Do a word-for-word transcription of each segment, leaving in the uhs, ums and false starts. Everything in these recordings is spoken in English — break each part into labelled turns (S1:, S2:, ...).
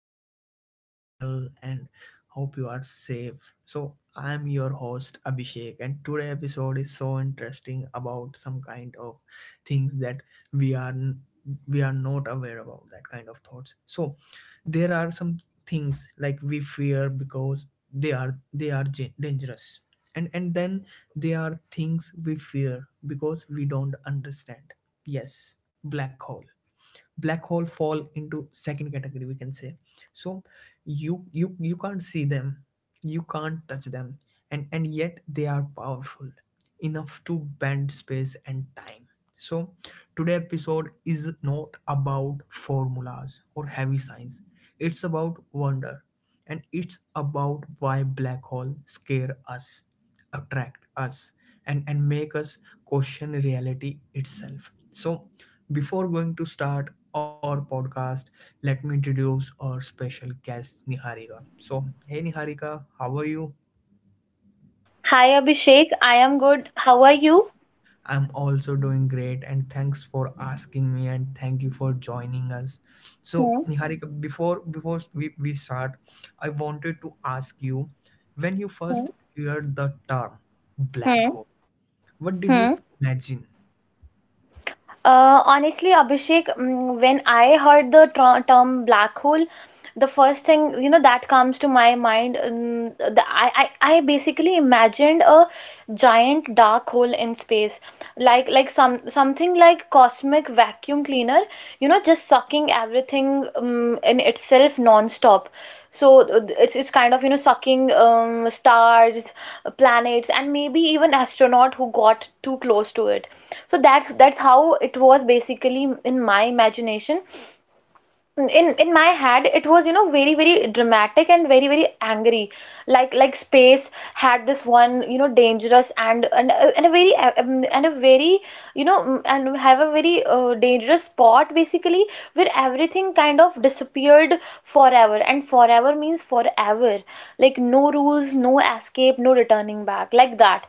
S1: hope you are doing well and hope you are safe. So, I'm your host Abhishek, and today episode is so interesting about some kind of things that we are we are not aware about that kind of thoughts. So, there are some things like we fear because they are they are ja- dangerous, and and then they are things we fear because we don't understand. Yes, black hole. Black hole fall into second category we can say. So you you you can't see them, you can't touch them, and and yet they are powerful enough to bend space and time. So today episode is not about formulas or heavy science. It's about wonder and it's about why black hole scare us attract us and and make us question reality itself. So before going to start our podcast, let me introduce our special guest Niharika. So hey Niharika, how are you?
S2: Hi Abhishek, I am good. How are you?
S1: I'm also doing great and thanks for asking me and thank you for joining us. So
S2: Hmm.
S1: Niharika, before before we, we start, I wanted to ask you, when you
S2: Hmm.
S1: first heard the term black
S2: Hmm.
S1: hole, what
S2: Hmm.
S1: did you imagine?
S2: Uh, honestly, Abhishek, mm, when I heard the tr term black hole, the first thing you know that comes to my mind, um, the, I, I I basically imagined a giant dark hole in space, like like some something like cosmic vacuum cleaner, you know just sucking everything, um, in itself non-stop. So uh, it's it's kind of, you know sucking, um, stars, planets, and maybe even astronaut who got too close to it. So that's that's how it was basically in my imagination. In in my head it was, you know very, very dramatic, and very, very angry. Like like space had this one, you know dangerous, and and, uh, and a very, uh, um, and a very you know mm, and have a very uh, dangerous spot basically, where everything kind of disappeared forever, and forever means forever. Like no rules, no escape, no returning back, like that.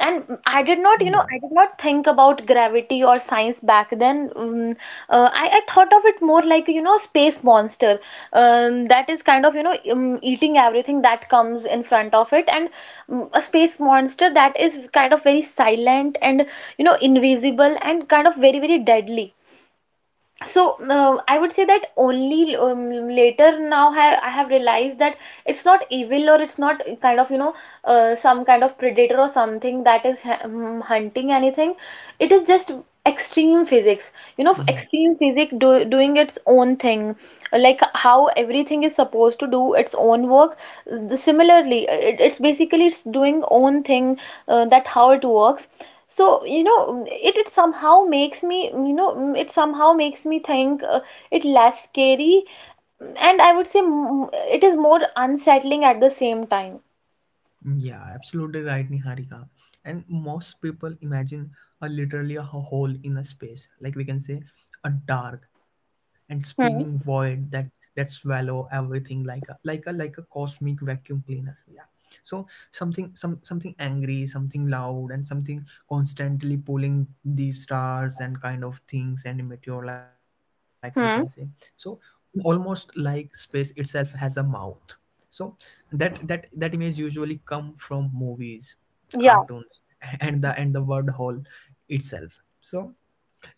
S2: And I did not, you
S1: Yeah,
S2: know, I did not think about gravity or science back then. Um, uh, I, I thought of it more like, you know, space monster, um, that is kind of, you know, um, eating everything that comes in front of it, and, um, a space monster that is kind of very silent and, you know, invisible and kind of very, very deadly. So uh, I would say that only, um, later now, I, I have realized that it's not evil, or it's not kind of, you know uh, some kind of predator or something that is ha- um, hunting anything. It is just extreme physics. You know
S1: yeah.
S2: extreme physics do, doing its own thing, like how everything is supposed to do its own work. The- similarly, it, it's basically it's doing own thing, uh, that how it works. So, you know mm, it, it somehow makes me you know mm, it somehow makes me think, uh, it less scary. Mm, and I would say, mm, it is more unsettling at the same time.
S1: Yeah, absolutely right, Niharika. And most people imagine a literally a hole in a space, like we can say, a dark and spinning void
S2: Hmm.
S1: that that swallow everything like a like a like a cosmic vacuum cleaner. Yeah. So something, some something angry, something loud, and something constantly pulling these stars and kind of things and meteor, like we can say. So
S2: Hmm.
S1: almost like space itself has a mouth. So that that that image usually come from movies,
S2: Yeah.
S1: cartoons and the and the word hole itself. So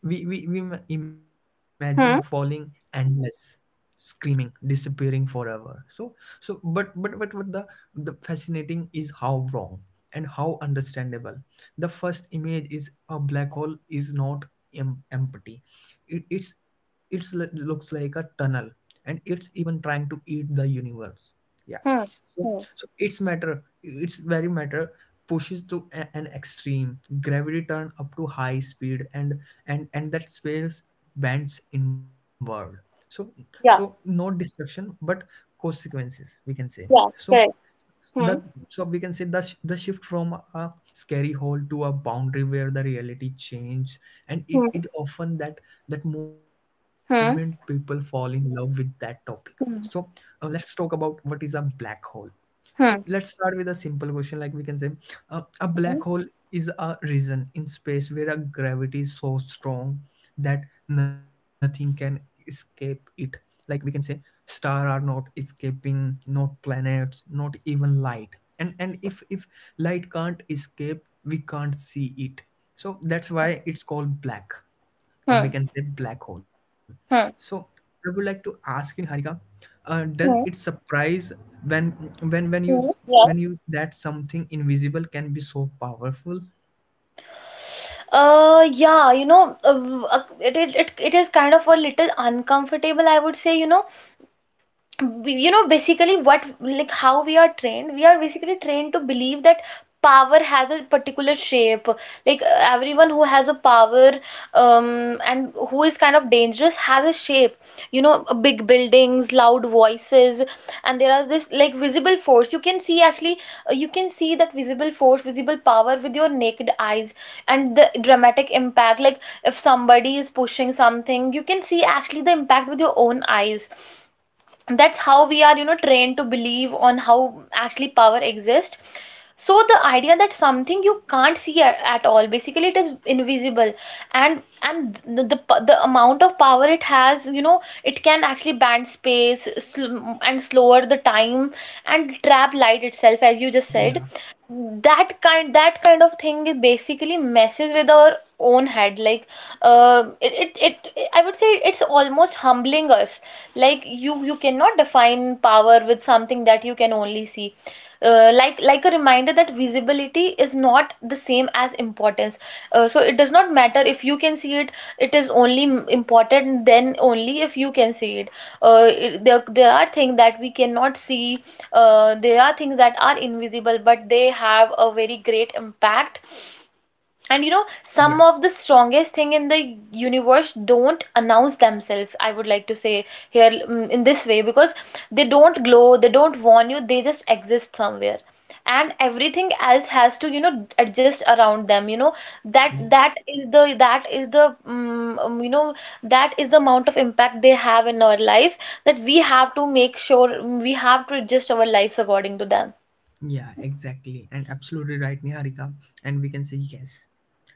S1: we, we, we ma- imagine falling
S2: Hmm.
S1: endless, screaming, disappearing forever. So so but but but but the the fascinating is how wrong and how understandable. The first image is a black hole is not em- empty. It, it's it's l- looks like a tunnel, and it's even trying to eat the universe. Yeah.
S2: Hmm.
S1: So
S2: Hmm.
S1: so it's matter. It's very matter pushes to a- an extreme gravity turn up to high speed and and and that space bends inward. So so
S2: Yeah.
S1: not destruction but consequences we can say.
S2: Yeah,
S1: So
S2: correct.
S1: that
S2: Hmm.
S1: so we can say the, sh- the shift from a scary hole to a boundary where the reality change, and it,
S2: Hmm.
S1: it often that that moment people fall
S2: Hmm.
S1: in love with that topic. So
S2: Hmm.
S1: uh, let's talk about what is a black hole. So
S2: Hmm.
S1: let's start with a simple question. Like we can say, uh, a black
S2: Hmm.
S1: hole is a region in space where a gravity is so strong that nothing can escape it. Like we can say, stars are not escaping, not planets, not even light. And and if if light can't escape, we can't see it. So that's why it's called black, or we
S2: Hmm.
S1: can say black hole. So
S2: Hmm.
S1: I would like to ask you, Niharika, uh, does it
S2: Hmm.
S1: surprise when when when you
S2: Hmm. Yeah.
S1: when you that something invisible can be so powerful?
S2: Uh yeah. you know uh, uh, it, it it it is kind of a little uncomfortable, I would say. You know you know basically, what, like, how we are trained we are basically trained to believe that power has a particular shape. Like, uh, everyone who has a power, um and who is kind of dangerous, has a shape. You know uh, big buildings, loud voices, and there are this like visible force you can see actually. Uh, you can see that visible force, visible power, with your naked eyes, and the dramatic impact, like if somebody is pushing something, you can see actually the impact with your own eyes. That's how we are, you know trained to believe on how actually power exists. So the idea that something you can't see at, at all, basically it is invisible. And and the, the p- the amount of power it has, you know it can actually bend space, sl- and slower the time, and trap light itself, as you just said.
S1: Yeah,
S2: That kind that kind of thing, it basically messes with our own head. Like, uh, it, it, it it- I would say it's almost humbling us. Like you you cannot define power with something that you can only see. Uh, like like a reminder that visibility is not the same as importance. Uh, so it does not matter if you can see it. It is only important then only if you can see it. Uh, it- there, there are things that we cannot see. Uh, there are things that are invisible, but they have a very great impact. And, you know, some
S1: yeah,
S2: of the strongest thing in the universe don't announce themselves, I would like to say here, mm, in this way. Because they don't glow, they don't warn you, they just exist somewhere. And everything else has to, you know, adjust around them, you know. That
S1: yeah.
S2: that is the that is the mm, um, you know, that is the amount of impact they have in our life, that we have to make sure, mm, we have to adjust our lives according to them.
S1: Yeah, exactly. And absolutely right, Niharika. And we can say yes.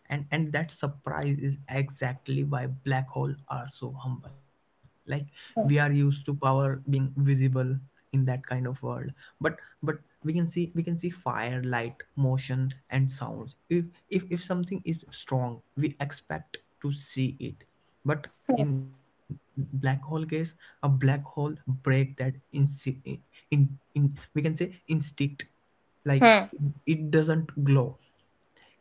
S1: And and that surprise is exactly why black holes are so humble. Like we are used to power being visible in that kind of world. But but we can see, we can see fire, light, motion and sounds. If if, if something is strong, we expect to see it. But in black hole case, a black hole break that in, in in we can say instinct. Like
S2: Hmm.
S1: it doesn't glow,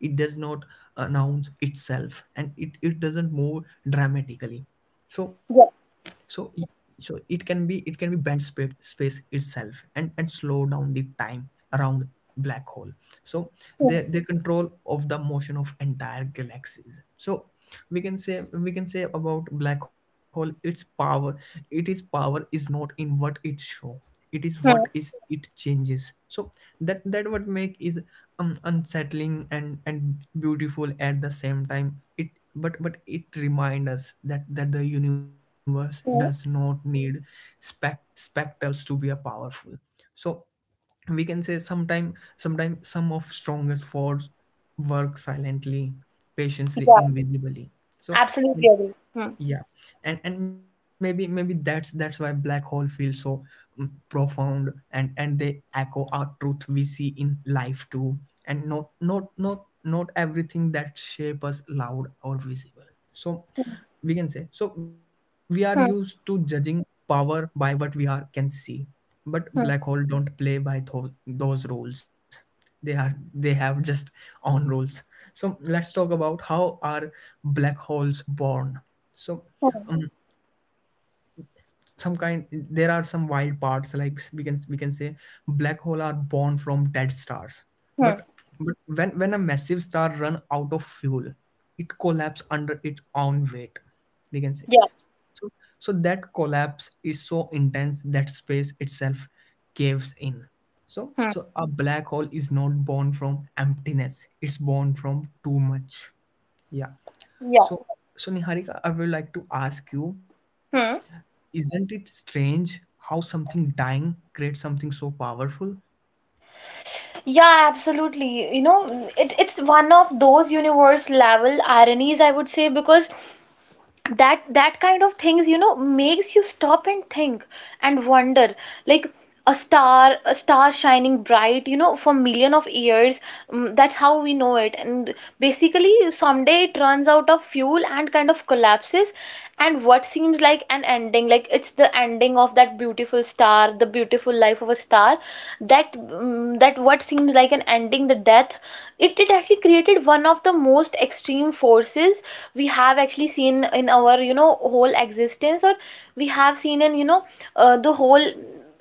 S1: it does not announce itself and it, it doesn't move dramatically. So
S2: Yeah.
S1: so so it can be, it can be bent space, space itself and and slow down the time around black hole. So
S2: Hmm.
S1: they they control of the motion of entire galaxies. So we can say, we can say about black hole its power, it is power is not in what it show, it is what
S2: Hmm.
S1: is it changes. So that that what make is um, unsettling and and beautiful at the same time it but but it reminds us that that the universe does
S2: Hmm.
S1: not need spec spectacles to be a powerful. So we can say sometime sometime some of strongest force work silently,
S2: Yeah.
S1: patiently, invisibly.
S2: Absolutely
S1: So
S2: agree. Hmm.
S1: yeah, and and maybe maybe that's that's why black hole feel so mm, profound and and they echo our truth we see in life too, and not not not not everything that shape us loud or visible. So
S2: Hmm,
S1: we can say, so we are used to judging power by what we are can see, but
S2: hmm,
S1: black hole don't play by tho- those rules. They are, they have just own rules. So let's talk about how are black holes born. So
S2: hmm,
S1: um, some kind there are some wild parts, like we can, we can say black hole are born from dead stars.
S2: hmm.
S1: but but when when a massive star run out of fuel, it collapse under its own weight we
S2: Yeah,
S1: can say. So so that collapse is so intense that space itself caves in. So
S2: hmm,
S1: so a black hole is not born from emptiness, it's born from too much. Yeah.
S2: yeah,
S1: So so Niharika, I would like to ask you,
S2: hmm.
S1: isn't it strange how something dying creates something so powerful?
S2: Yeah, absolutely. You know, it, it's one of those universe level ironies, I would say, because that that kind of things, you know makes you stop and think and wonder. Like, a star a star shining bright, you know for million of years, mm, that's how we know it. And basically someday it runs out of fuel and kind of collapses. And what seems like an ending, like it's the ending of that beautiful star, the beautiful life of a star, that mm, that what seems like an ending, the death, it, it actually created one of the most extreme forces we have actually seen in our, you know whole existence. Or we have seen in, you know uh, the whole,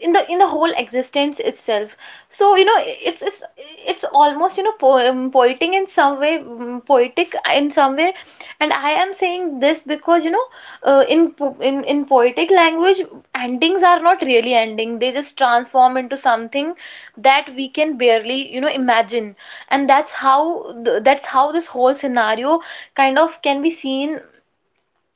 S2: in the in the whole existence itself. So, you know it's it's it's almost, you know po- um, poetic in some way, mm, poetic in some way. And I am saying this because, you know uh, in po- in in poetic language, endings are not really ending. They just transform into something that we can barely, you know imagine. And that's how th- that's how this whole scenario kind of can be seen,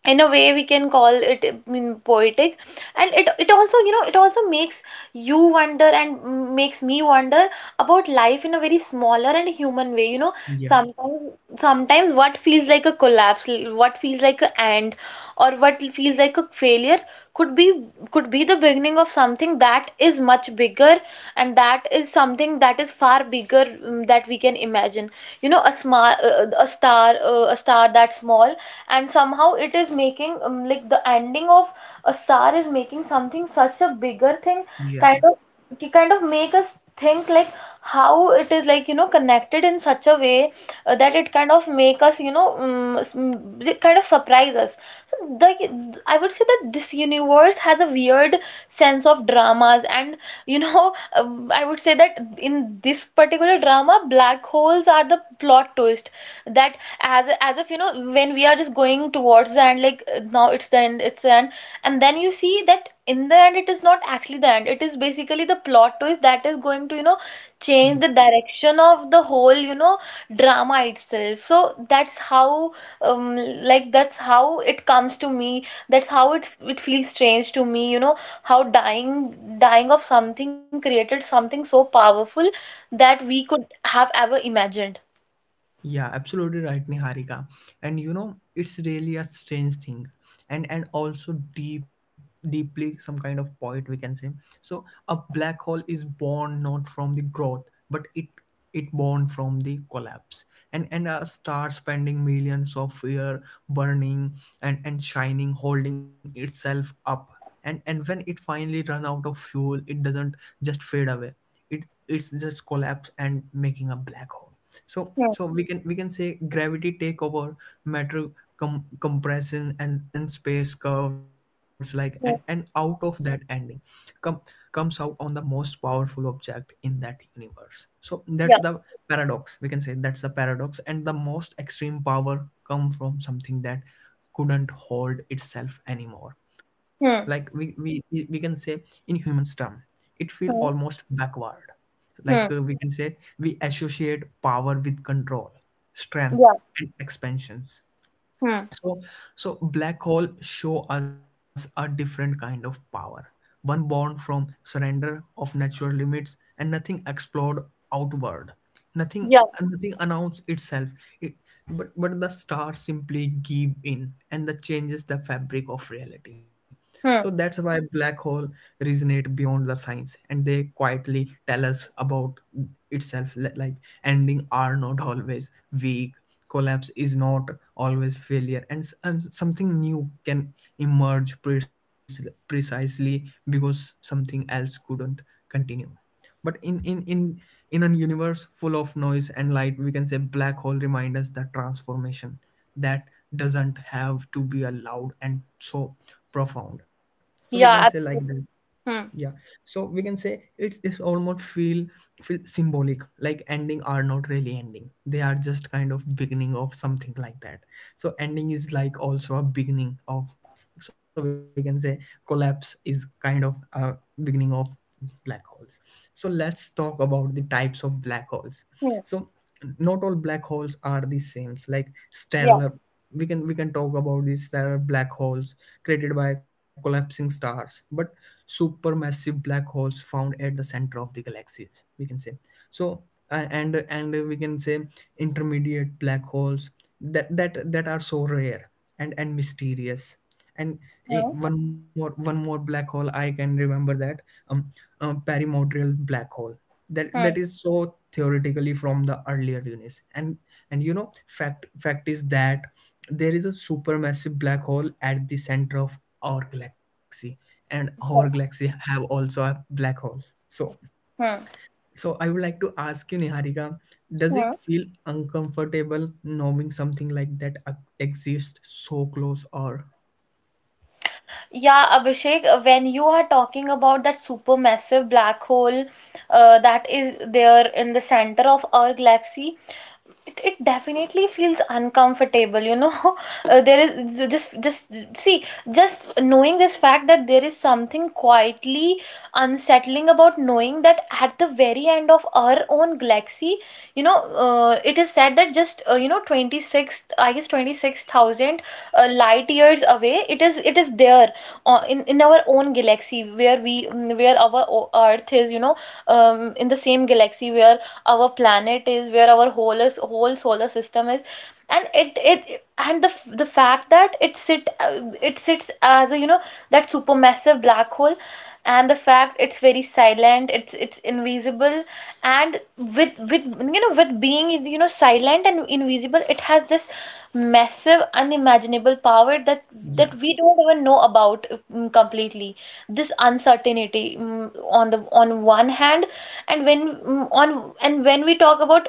S2: in a way we can call it, I mean, poetic. And it it also, you know it also makes you wonder, and mm, makes me wonder about life in a very smaller and human way you know
S1: Yeah,
S2: Sometimes, sometimes what feels like a collapse, l- what feels like an end, or what feels like a failure, could be, could be the beginning of something that is much bigger. And that is something that is far bigger, mm, that we can imagine. You know a small uh, a star, uh, a star that small, and somehow it is making, um, like the ending of a star is making something such a bigger thing, kind
S1: yeah.
S2: of to kind of make us think, like how it is like, you know connected in such a way, uh, that it kind of make us you know um, s- m- it kind of surprise us. So, the, I would say that this universe has a weird sense of dramas. And, you know um, I would say that in this particular drama, black holes are the plot twist, that, as a- as if, you know when we are just going towards the end. Like, uh, now it's the end, it's the end. And then you see that in the end, it is not actually the end. It is basically the plot twist that is going to, you know change the direction of the whole, you know drama itself. So that's how, um like that's how it comes to me, that's how it's it feels strange to me you know How dying dying of something created something so powerful that we could have ever imagined.
S1: Yeah, absolutely right, Niharika. And you know, it's really a strange thing, and and also deep, deeply some kind of poet we can say. So a black hole is born not from the growth, but it it born from the collapse. And and a star spending millions of years burning and and shining, holding itself up. And and when it finally run out of fuel, it doesn't just fade away. It it's just collapse and making a black hole. So
S2: Hmm.
S1: so we can, we can say gravity take over matter, com- compression and, and space curves like, and and out
S2: Hmm.
S1: of that ending come comes out on the most powerful object in that universe. So that's
S2: Yeah.
S1: the paradox we can say, that's the paradox, and the most extreme power come from something that couldn't hold itself anymore. Like we
S2: Hmm.
S1: we, we we can say in human term, it feel
S2: Hmm.
S1: almost backward. Like
S2: Hmm.
S1: uh, we can say we associate power with control, strength,
S2: Yeah.
S1: and expansions.
S2: Hmm.
S1: So, so black hole show us a different kind of power, one born from surrender of natural limits and nothing explored outward, nothing,
S2: Yeah.
S1: nothing announced itself. It, but but the stars simply give in and that changes the fabric of reality. So that's
S2: Hmm.
S1: why black hole resonate beyond the science and they quietly tell us about itself li- like ending are not always weak, collapse is not always failure, and, s- and something new can emerge preci- precisely because something else couldn't continue. But in in in in a universe full of noise and light we can say black hole remind us that transformation that doesn't have to be allowed and so profound. So we can say
S2: Yeah,
S1: like that.
S2: absolutely.
S1: Yeah,
S2: Hmm.
S1: so we can say it's it's almost feel, feel symbolic, like ending are not really ending. They are just kind of beginning of something like that. So ending is like also a beginning of. So we can say collapse is kind of a beginning of black holes. So let's talk about the types of black holes. So not all black holes are the same. Like
S2: Yeah.
S1: stellar, we can, we can talk about these stellar black holes created by collapsing stars, but supermassive black holes found at the center of the galaxies we can say. So uh, and and we can say intermediate black holes that that that are so rare and and mysterious, and eh,
S2: Hmm.
S1: one more one more black hole I can remember that um, um perimordial black hole that
S2: Hmm.
S1: that is so theoretically from the earlier units. and and you know fact fact is that there is a supermassive black hole at the center of our galaxy and our
S2: Yeah.
S1: galaxy have also a black hole. So
S2: Hmm.
S1: so I would like to ask you Niharika, does
S2: Hmm.
S1: it feel uncomfortable knowing something like that uh, exists so close or
S2: Yeah, Abhishek, uh, when you are talking about that supermassive black hole, uh, that is there in the center of our galaxy, it, it definitely feels uncomfortable, you know Uh, there is ju- just just, see, just knowing this fact, that there is something quietly unsettling about knowing that at the very end of our own galaxy, you know uh, it is said that just, uh, you know twenty six, I guess, twenty six thousand, uh, light years away, it is it is there, uh, in in our own galaxy where we mm, where our o- earth is, you know um, in the same galaxy where our planet is, where our whole is, whole solar system is, and it it and the the fact that it sit uh, it sits as a you know that supermassive black hole. And the fact it's very silent, it's it's invisible. And with with you know with being, you know silent and invisible, it has this massive unimaginable power, that
S1: yeah,
S2: that we don't even know about, mm, completely. This uncertainty, mm, on the on one hand. And when, mm, on and when we talk about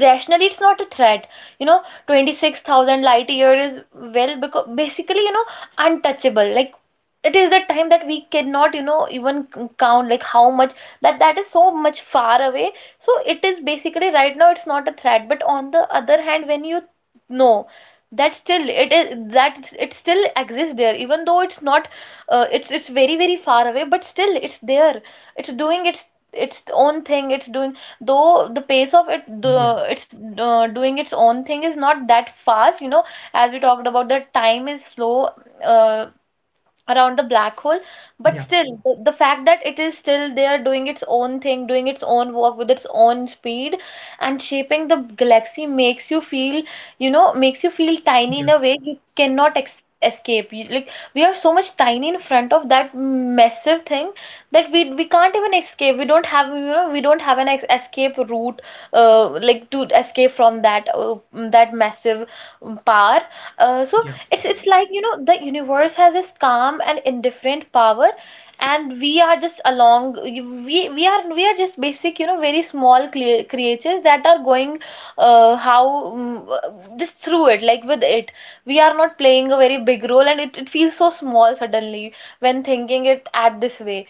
S2: rationally, it's not a threat. you know twenty six thousand light year is, well, because basically, you know untouchable. Like, it is the time that we cannot, you know even c- count, like how much that that is so much far away. So it is basically right now it's not a threat, but on the other hand, when you know that still it is that it still exists there, even though it's not, uh, it's it's very, very far away, but still it's there. It's doing its its own thing. It's doing though the pace of it
S1: yeah,
S2: the it's uh, doing its own thing is not that fast, you know, as we talked about. The time is slow uh, around the black hole. But
S1: yeah,
S2: still, the, the fact that it is still there, doing its own thing, doing its own work with its own speed, and shaping the galaxy makes you feel, you know, makes you feel tiny
S1: yeah,
S2: in a way you cannot ex escape you, like, we are so much tiny in front of that massive thing that we we can't even escape. We don't have, you know, we don't have an ex escape route uh, like, to escape from that uh, that massive power. Uh, so
S1: yeah,
S2: it's it's like, you know, the universe has this calm and indifferent power, and we are just along. We we are we are just basic, you know, very small clear creatures that are going uh, how mm, uh, just through it, like, with it. We are not playing a very big role, and it, it feels so small suddenly when thinking it at this way.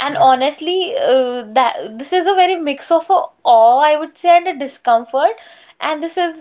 S2: And honestly, uh, that this is a very mix of a awe, I would say, and a discomfort. And this is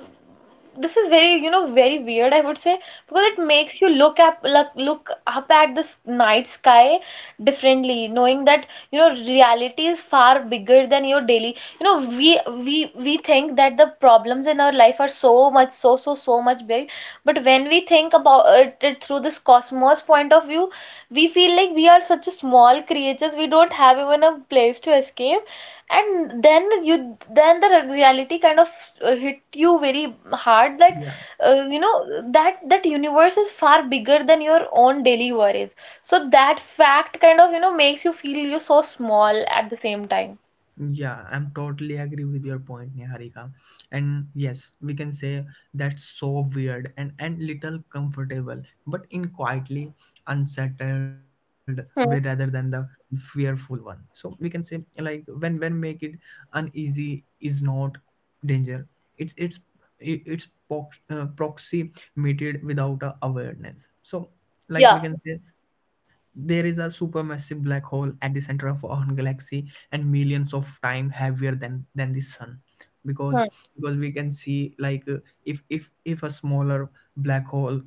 S2: this is very, you know, very weird, I would say, because it makes you look up, look, look up at the s- night sky differently, knowing that, you know, reality is far bigger than your daily, you know, we we we think that the problems in our life are so much, so so so much big. But when we think about it, it through this cosmos point of view, we feel like we are such a small creatures, we don't have even a place to escape. And then you then the reality kind of uh, hit you very hard. Like,
S1: yeah.
S2: uh, you know, that that universe is far bigger than your own daily worries. So that fact kind of, you know, makes you feel you're so small at the same time.
S1: Yeah, I'm totally agree with your point, Niharika. And yes, we can say that's so weird and, and little comfortable, but in quietly unsettled way rather than
S2: Hmm.
S1: the fearful one. So we can say like when when make it uneasy is not danger. It's it's i- it's prox- uh, proxy meted without a awareness. So like
S2: Yeah.
S1: we can say there is a supermassive black hole at the center of our galaxy and millions of time heavier than than the sun, because
S2: Hmm.
S1: because we can see like uh, if if if a smaller black hole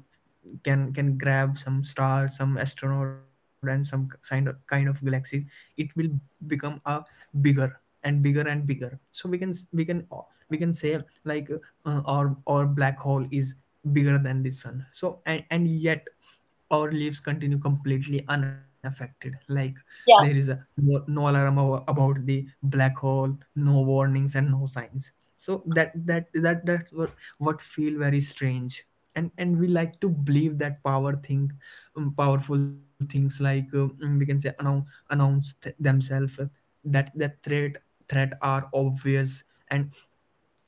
S1: can can grab some star, some astronaut and some kind of kind of galaxy, it will become a bigger and bigger and bigger. So we can we can uh, we can say like uh, our our black hole is bigger than the sun. So and, and yet our lives continue completely unaffected. Like, there is
S2: Yeah.
S1: a no, no alarm abo- about the black hole, no warnings and no signs. So that that that that's what what feel very strange. And and we like to believe that power thing, um, powerful things, like, um, we can say announce, announce th- themselves, uh, that that threat, threat are obvious, and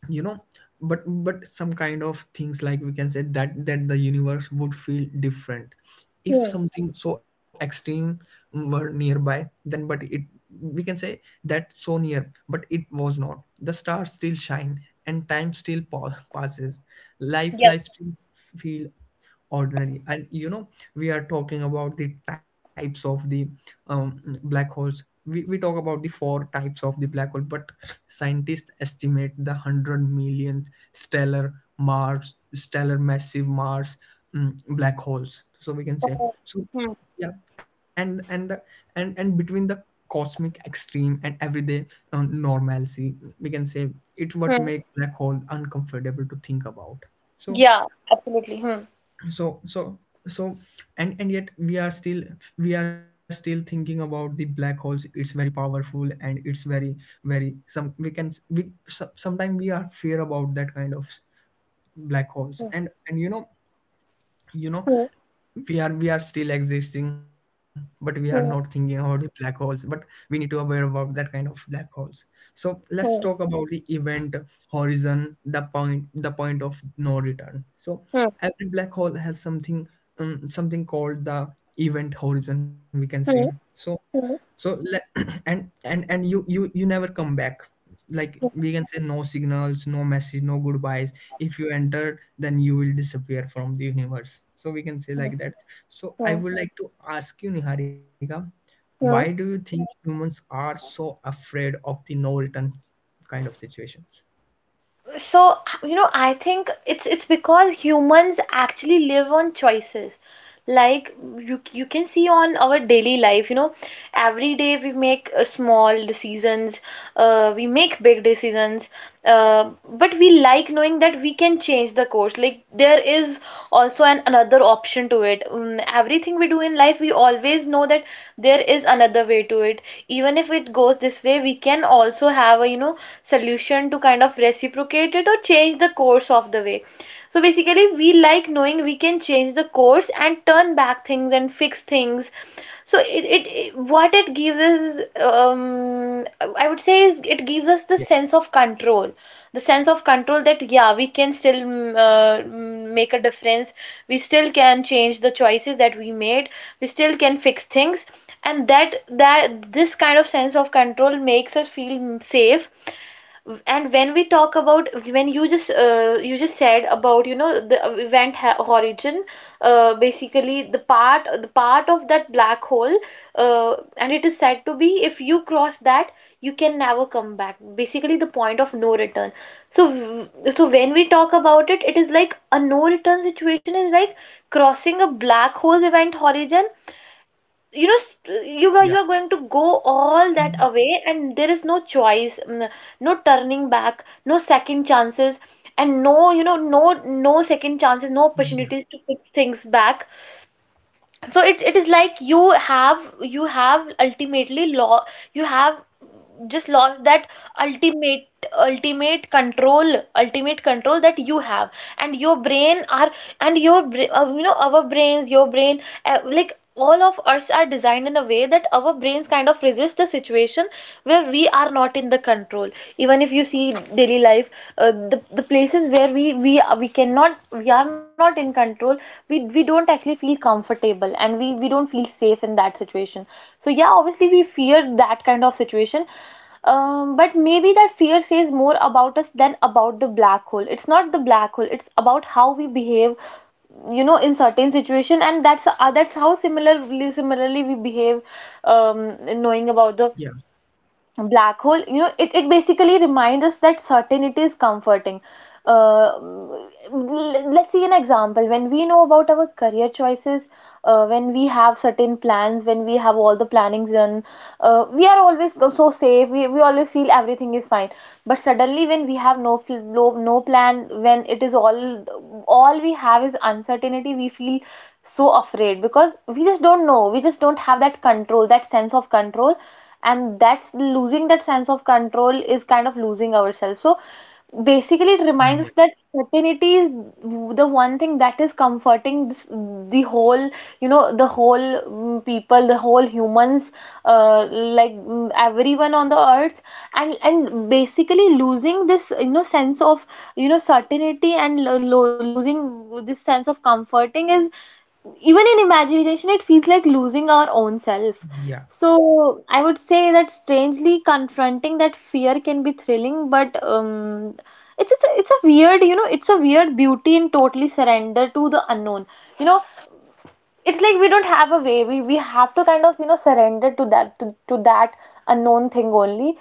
S1: you know but but some kind of things, like we can say, that that the universe would feel different if
S2: Hmm.
S1: something so extreme were nearby, then. But it, we can say, that so near, but it was not. The stars still shine and time still pa- passes, life
S2: Yeah.
S1: life still feel ordinary. And you know we are talking about the types of the um, black holes. We, we talk about the four types of the black hole, but scientists estimate the 100 millionth stellar mars, stellar massive mars, mm, black holes, so we can say.
S2: Hmm.
S1: So
S2: Hmm.
S1: yeah. and and the, and and between the cosmic extreme and everyday uh, normalcy, we can say, it what
S2: Hmm.
S1: make black hole uncomfortable to think about. so
S2: Yeah. Hmm.
S1: so so so and and yet we are still, we are still thinking about the black holes. It's very powerful and it's very, very some, we can, we sometimes we are fear about that kind of black holes. And and you know you know
S2: Hmm.
S1: we are we are still existing, but we are not thinking
S2: Hmm.
S1: about the black holes. But we need to aware about that kind of black holes. So
S2: Hmm.
S1: let's talk about the event horizon, the point, the point of no return. So
S2: Hmm.
S1: every black hole has something, um, something called the event horizon, we can say.
S2: Hmm.
S1: so
S2: Hmm.
S1: so le- and and and you you you never come back. Like,
S2: Hmm.
S1: we can say, no signals, no message, no goodbyes. If you enter, then you will disappear from the universe, so we can say,
S2: Hmm.
S1: like that. So I
S2: Hmm.
S1: would like to ask you, Niharika, why do you
S2: Hmm.
S1: think humans are so afraid of the no return kind of situations?
S2: So, you know, I think it's it's because humans actually live on choices. Like, you you can see on our daily life, you know, every day we make uh, small decisions, uh, we make big decisions, uh, but we like knowing that we can change the course. Like, there is also an another option to it. Um, everything we do in life, we always know that there is another way way to it. Even if it goes this way, we can also have a, you know, solution to kind of reciprocate it or change the course of the way. So basically we like knowing we can change the course and turn back things and fix things. So it, it, it- what it gives us, um, I would say is it gives us the
S1: Yeah,
S2: sense of control. The sense of control that, yeah, we can still mm, uh, mm, make a difference. We still can change the choices that we made. We still can fix things. And that that this kind of sense of control makes us feel safe. And when we talk about, when you just uh, you just said about, you know, the event ha- horizon, uh, basically the part, the part of that black hole, uh, and it is said to be, if you cross that, you can never come back. Basically, the point of no return. So w- so when we talk about it, it is like a no return situation is like crossing a black hole event horizon. You know, st- you are you
S1: yeah,
S2: are going to go all that
S1: mm,
S2: away, and there is no choice. Mm, no turning back, no second chances, and no, you know, no, no second chances, no
S1: yeah,
S2: opportunities to fix things back. So it it is like you have, you have ultimately law, you have just lost that ultimate, ultimate control, ultimate control that you have. And your brain are and your bra- uh, you know, our brains, your brain, uh, like, all of us are designed in a way that our brains kind of resist the situation where we are not in the control. Even if you see daily life life uh, the the places where we we we cannot, we are not in control, we we don't actually feel comfortable, and we we don't feel safe in that situation. So yeah, obviously we fear that kind of situation. Um, but maybe that fear says more about us than about the black hole. It's not the black hole, it's about how we behave, you know, in certain situation. And that's uh, that's how similar, similarly we behave. Um, knowing about the
S1: yeah,
S2: black hole, you know, it, it basically reminds us that certainty is comforting. uh, L- let's see an example. When we know about our career choices, uh, when we have certain plans, when we have all the plannings done, uh, we are always go- so safe. We, we always feel everything is fine. But suddenly, when we have no, fl- no, no plan, when it is all all we have is uncertainty, we feel so afraid because we just don't know, we just don't have that control, that sense of control. And that's losing that sense of control is kind of losing ourselves. So basically it reminds us
S1: yeah,
S2: that certainty is the one thing that is comforting. This, the whole, you know, the whole mm, people, the whole humans, uh, like, mm, everyone on the earth. and and basically losing this, you know, sense of, you know, certainty, and lo- lo- losing this sense of comforting is, even in imagination, it feels like losing our own self.
S1: yeah,
S2: So I would say that strangely, confronting that fear can be thrilling, but um, it's it's a, it's a weird, you know, it's a weird beauty in totally surrender to the unknown. You know, it's like we don't have a way, we we have to kind of, you know, surrender to that, to, to that unknown thing only.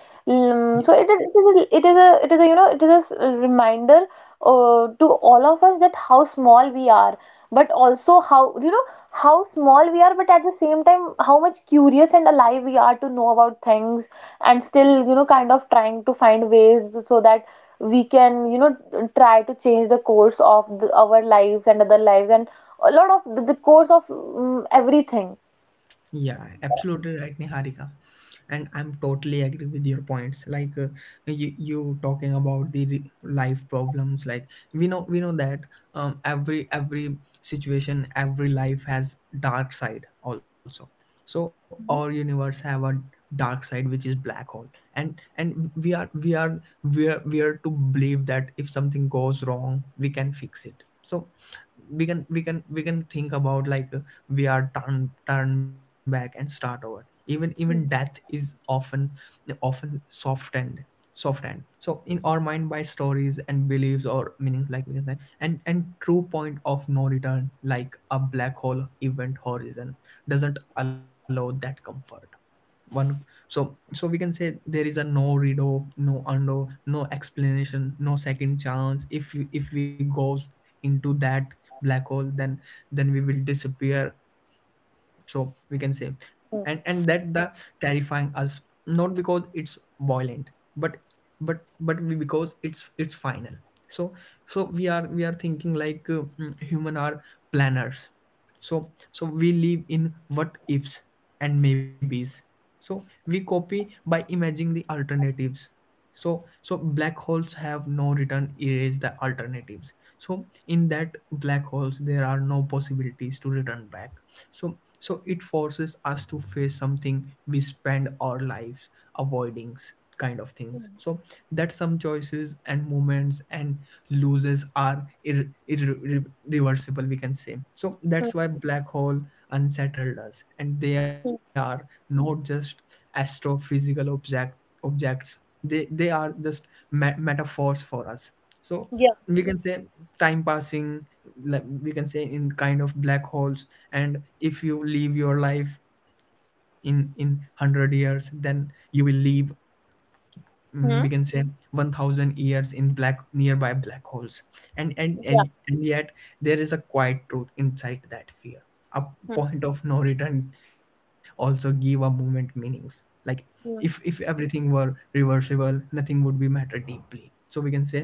S1: yeah,
S2: Mm, so it is, it is a, it is a, it is a, you know, it is a s- reminder uh, to all of us, that how small we are, but also how, you know, how small we are but at the same time how much curious and alive we are to know about things and still, you know, kind of trying to find ways so that we can, you know, try to change the course of the, our lives, and other lives, and a lot of the, the course of mm, everything.
S1: yeah, absolutely right, Niharika. And I'm totally agree with your points. Like, uh, you, you talking about the re- life problems. Like, we know, we know that um, every every situation, every life has dark side also. So our
S2: Hmm.
S1: universe have a dark side, which is black hole. And and we are we are we are we are to believe that if something goes wrong, we can fix it. So we can we can we can think about, like, we are turned turned back and start over. Even even
S2: Hmm.
S1: death is often, often softened, softened so in our mind, by stories and beliefs or meanings, like we can say. And and true point of no return, like a black hole event horizon, doesn't allow that comfort one. So so we can say, there is a no redo, no undo, no explanation, no second chance. If we- if we goes into that black hole, then then we will disappear, so we can say. And and that the terrifying us, not because it's violent, but but but we- because it's it's final. So so we are we are thinking like, uh, mm, human are planners. So so we live in what ifs and maybes, so we copy by imagining the alternatives. So so black holes have no return, erase the alternatives. So in that black holes there are no possibilities to return back. So so it forces us to face something we spend our lives avoiding s- kind of things. So that some choices and moments and loses are ir- irreversible, we can say. So
S2: Hmm.
S1: that's why black hole unsettled us, and they are
S2: Hmm.
S1: not just astrophysical object objects. They they are just me- metaphors for us. So
S2: Yeah.
S1: we can say time passing, like we can say, in kind of black holes. And if you live your life in in one hundred years, then you will live, mm, we
S2: Hmm.
S1: can say, one thousand years in black nearby black holes. and and,
S2: Yeah.
S1: and and yet, there is a quiet truth inside that fear. A
S2: Hmm.
S1: point of no return also give a moment meanings. Like, if if
S2: Hmm.
S1: everything were reversible, nothing would be matter deeply, so we can say.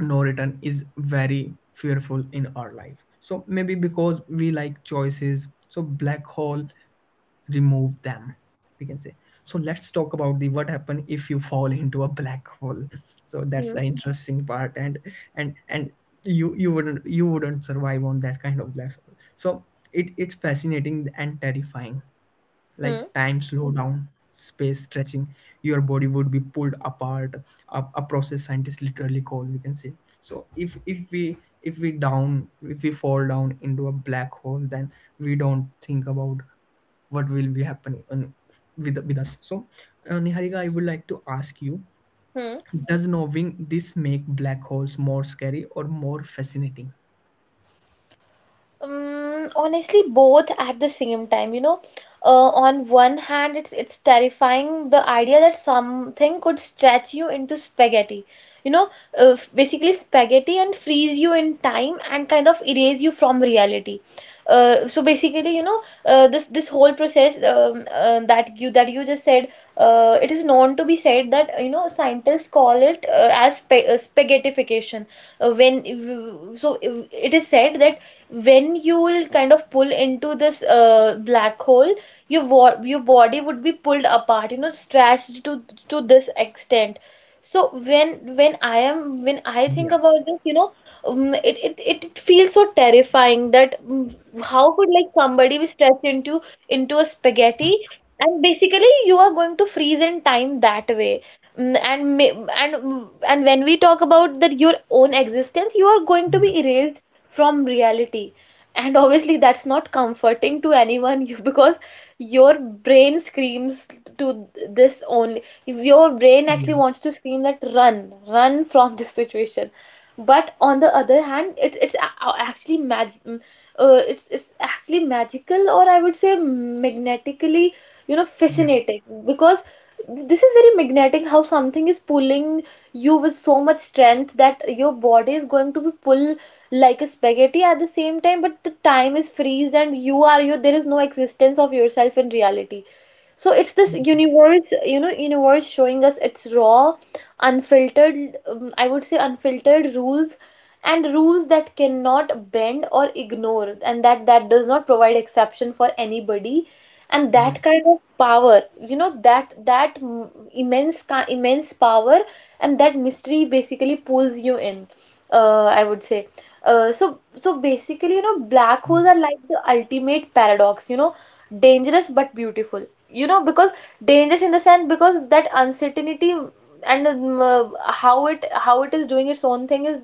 S1: No return is very fearful in our life, so maybe because we like choices, so black hole remove them, we can say. So let's talk about the what happen if you fall into a black hole. So that's
S2: Hmm.
S1: the interesting part. And and and you you wouldn't you wouldn't survive on that kind of black hole. So it it's fascinating and terrifying. Like, time
S2: Hmm.
S1: slow down, space stretching, your body would be pulled apart, a, a process scientists literally call, we can say. So if if we if we down if we fall down into a black hole, then we don't think about what will be happening on, with with us. So uh, Niharika, I would like to ask you,
S2: Hmm.
S1: does knowing this make black holes more scary or more fascinating?
S2: Um, honestly, both at the same time, you know, uh, on one hand, it's it's terrifying, the idea that something could stretch you into spaghetti. You know, uh, basically spaghetti, and freeze you in time, and kind of erase you from reality. Uh, so basically, you know, uh, this this whole process, um, uh, that you that you just said, uh, it is known to be said that, you know, scientists call it uh, as spa, uh, spaghettification. Uh, when, so uh, it is said that when you will kind of pull into this uh, black hole, your wa- your body would be pulled apart, you know, stretched to to this extent. So when when I am when I think
S1: Yeah,
S2: about this, you know, um, it, it it it feels so terrifying that mm, how could, like, somebody be stretched into into a spaghetti, and basically you are going to freeze in time that way. Mm, and ma- and mm, and when we talk about that your own existence, you are going to
S1: yeah,
S2: be erased from reality. And obviously that's not comforting to anyone you, because your brain screams to this. Only, your brain actually
S1: yeah,
S2: wants to scream that run, run from this situation. But on the other hand, it's it's a- actually mag- mm, uh, it's it's actually magical, or I would say magnetically, you know,
S1: yeah,
S2: fascinating. Because this is very magnetic, how something is pulling you with so much strength that your body is going to be pulled like a spaghetti, at the same time, but the time is freeze, and you are, you there is no existence of yourself in reality. So it's this
S1: yeah,
S2: universe, you know, universe showing us its raw, unfiltered, um, I would say unfiltered rules. And rules that cannot bend or ignore, and that that does not provide exception for anybody. And
S1: yeah,
S2: that kind of power, you know, that that mm, immense ki- immense power, and that mystery, basically pulls you in, uh, I would say. Uh, so, so basically, you know, black
S1: yeah,
S2: holes are like the ultimate paradox, you know, dangerous but beautiful. You know, because dangerous in the sense because that uncertainty, and um, uh, how it how it is doing its own thing is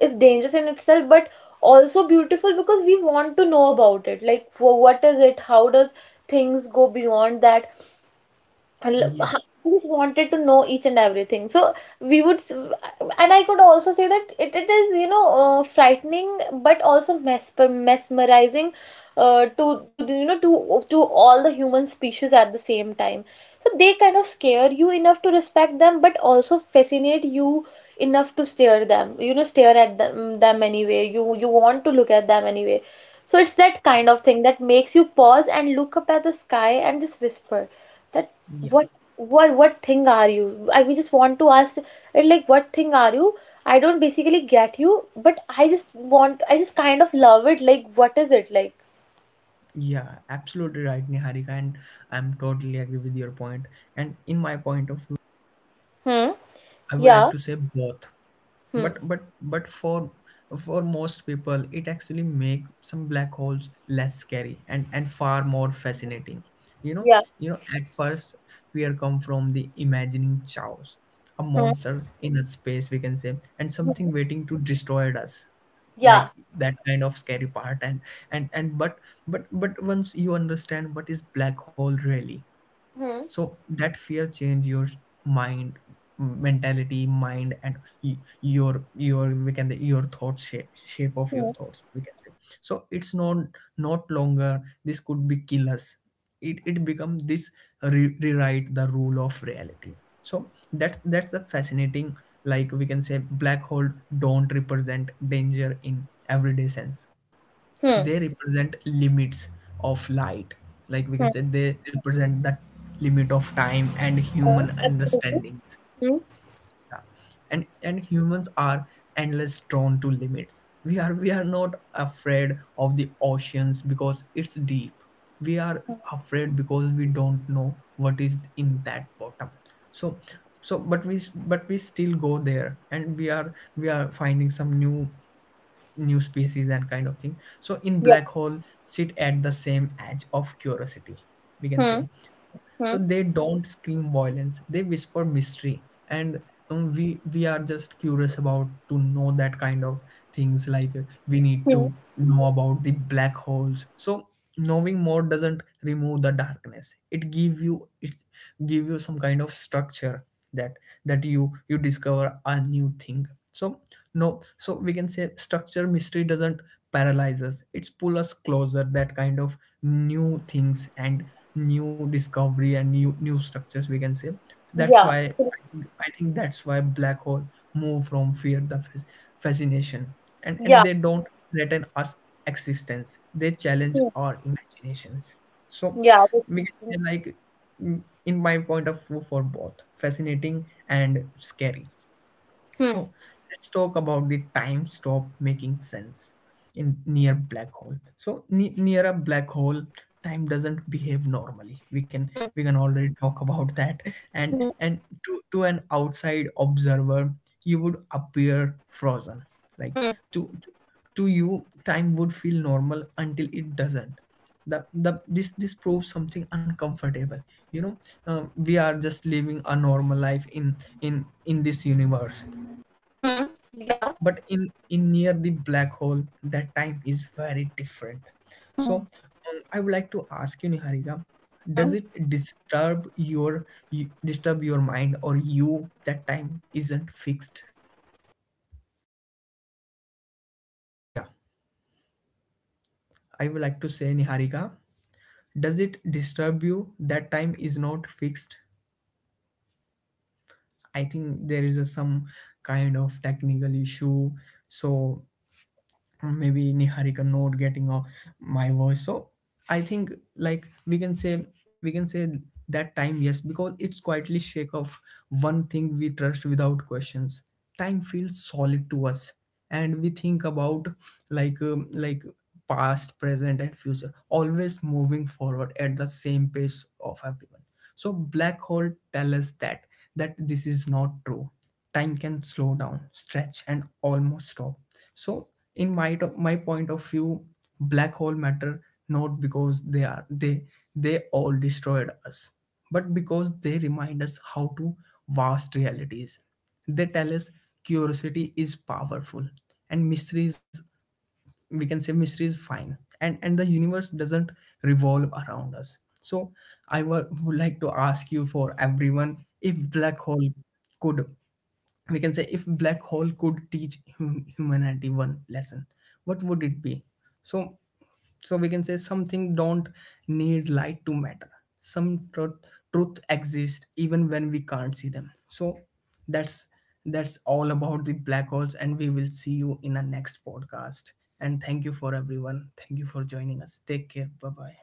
S2: is dangerous in itself, but also beautiful because we want to know about it. Like, wh- what is it? How does things go beyond that? I lo-
S1: yeah,
S2: ha- I just wanted to know each and everything. So we would, s- and I could also say that it, it is, you know, uh, frightening but also mesper mesmerizing uh, to to the, you know, to to all the human species at the same time. So they kind of scare you enough to respect them, but also fascinate you enough to stare them. You know, stare at them them anyway. You you want to look at them anyway. So it's that kind of thing that makes you pause and look up at the sky and just whisper that what what what thing are you? I We just want to ask it, like, what thing are you? I don't basically get you, but I just want I just kind of love it. Like, what is it like?
S1: yeah, absolutely right, Niharika. And I'm totally agree with your point. And in my point of view,
S2: Hmm.
S1: I would like
S2: Yeah.
S1: to say both.
S2: Hmm.
S1: But but but for for most people, it actually makes some black holes less scary and and far more fascinating. You know,
S2: Yeah.
S1: you know, at first, fear come from the imagining chaos, a
S2: Hmm.
S1: monster in a space, we can say, and
S2: Hmm.
S1: something waiting to destroy us, like
S2: Yeah.
S1: that kind of scary part. And and and but but but once you understand what is black hole really,
S2: Hmm.
S1: so that fear change your mind, mentality, mind, and y- your your, we can, your thought shape, shape of
S2: Hmm.
S1: your thoughts, we can say. So it's not not longer this could be kill us. It it become this, re- rewrite the rule of reality. So that's that's a fascinating. Like, we can say black hole don't represent danger in everyday sense.
S2: Hmm.
S1: They represent limits of light. Like, we
S2: Hmm.
S1: can say, they represent that limit of time and
S2: Yeah,
S1: human
S2: absolutely.
S1: understandings.
S2: Hmm.
S1: Yeah. And and humans are endless drawn to limits. We are we are not afraid of the oceans because it's deep. We are
S2: Hmm.
S1: afraid because we don't know what is in that bottom. So so but we but we still go there, and we are we are finding some new new species and kind of thing. So in
S2: Yeah.
S1: black hole sit at the same edge of curiosity, we can
S2: Hmm.
S1: say.
S2: Hmm.
S1: So they don't scream violence, they whisper mystery. And um, we we are just curious about to know that kind of things. Like, uh, we need
S2: Hmm.
S1: to know about the black holes. So knowing more doesn't remove the darkness, it give you, it give you some kind of structure, that that you you discover a new thing. So no, so we can say, structure mystery doesn't paralyze us, it's pull us closer, that kind of new things and new discovery and new new structures, we can say. That's
S2: Yeah.
S1: why
S2: Absolutely.
S1: i think I think that's why black hole move from fear the fas- fascination. and
S2: Yeah.
S1: and they don't threaten us existence, they challenge
S2: Hmm.
S1: our imaginations. So
S2: Yeah,
S1: we can
S2: basically.
S1: say, like, mm, in my point of view, for both fascinating and scary.
S2: Hmm.
S1: So let's talk about the time stop making sense in near
S2: Yeah.
S1: black hole. So
S2: Hmm.
S1: ne- near a black hole, time doesn't behave normally. We can we can already talk about that. And
S2: Hmm.
S1: and to to an outside observer, you would appear frozen. Like,
S2: Hmm.
S1: to to, to you, time would feel normal until it doesn't. The, the this this proves something uncomfortable. you know um, we are just living a normal life in in in this universe.
S2: Hmm.
S1: But
S2: Yeah.
S1: but in in near the black hole, that time is very different. So
S2: Hmm.
S1: um, I would like to ask you, Niharika, does
S2: Hmm.
S1: it disturb your, you, disturb your mind, or you, that time isn't fixed?
S2: Yeah, the- this this this
S1: Yeah,
S2: this basically feels, you know, mm, little
S1: I would like to say,
S2: unsettling
S1: Niharika,
S2: because uh, we spend
S1: does
S2: our
S1: it
S2: whole
S1: disturb you that time is not fixed? I think there is a, some kind of technical issue. So maybe Niharika not getting uh, my voice. So I think, like we can say, we can say that time, yes, because it's quietly shake off one thing we trust without questions. Time feels solid to us, and we think about, like, um, like past, present, and future, always moving forward at the same pace of everyone. So black hole tell us that that this is not true. Time can slow down, stretch, and almost stop. So in my to- my point of view, black hole matter not because they are they they all destroyed us, but because they remind us how to vast realities. They tell us curiosity is powerful, and mysteries, we can say, mystery is fine. And and the universe doesn't revolve around us. So i wa- would like to ask you, for everyone, if black hole could, we can say, if black hole could teach hum- humanity one lesson, what would it be? So so we can say, something don't need light to matter. Some truth, truth exists even when we can't see them. So that's that's all about the black holes, and we will see you in our next podcast. And thank you for everyone, thank you for joining us. Take care. Bye bye.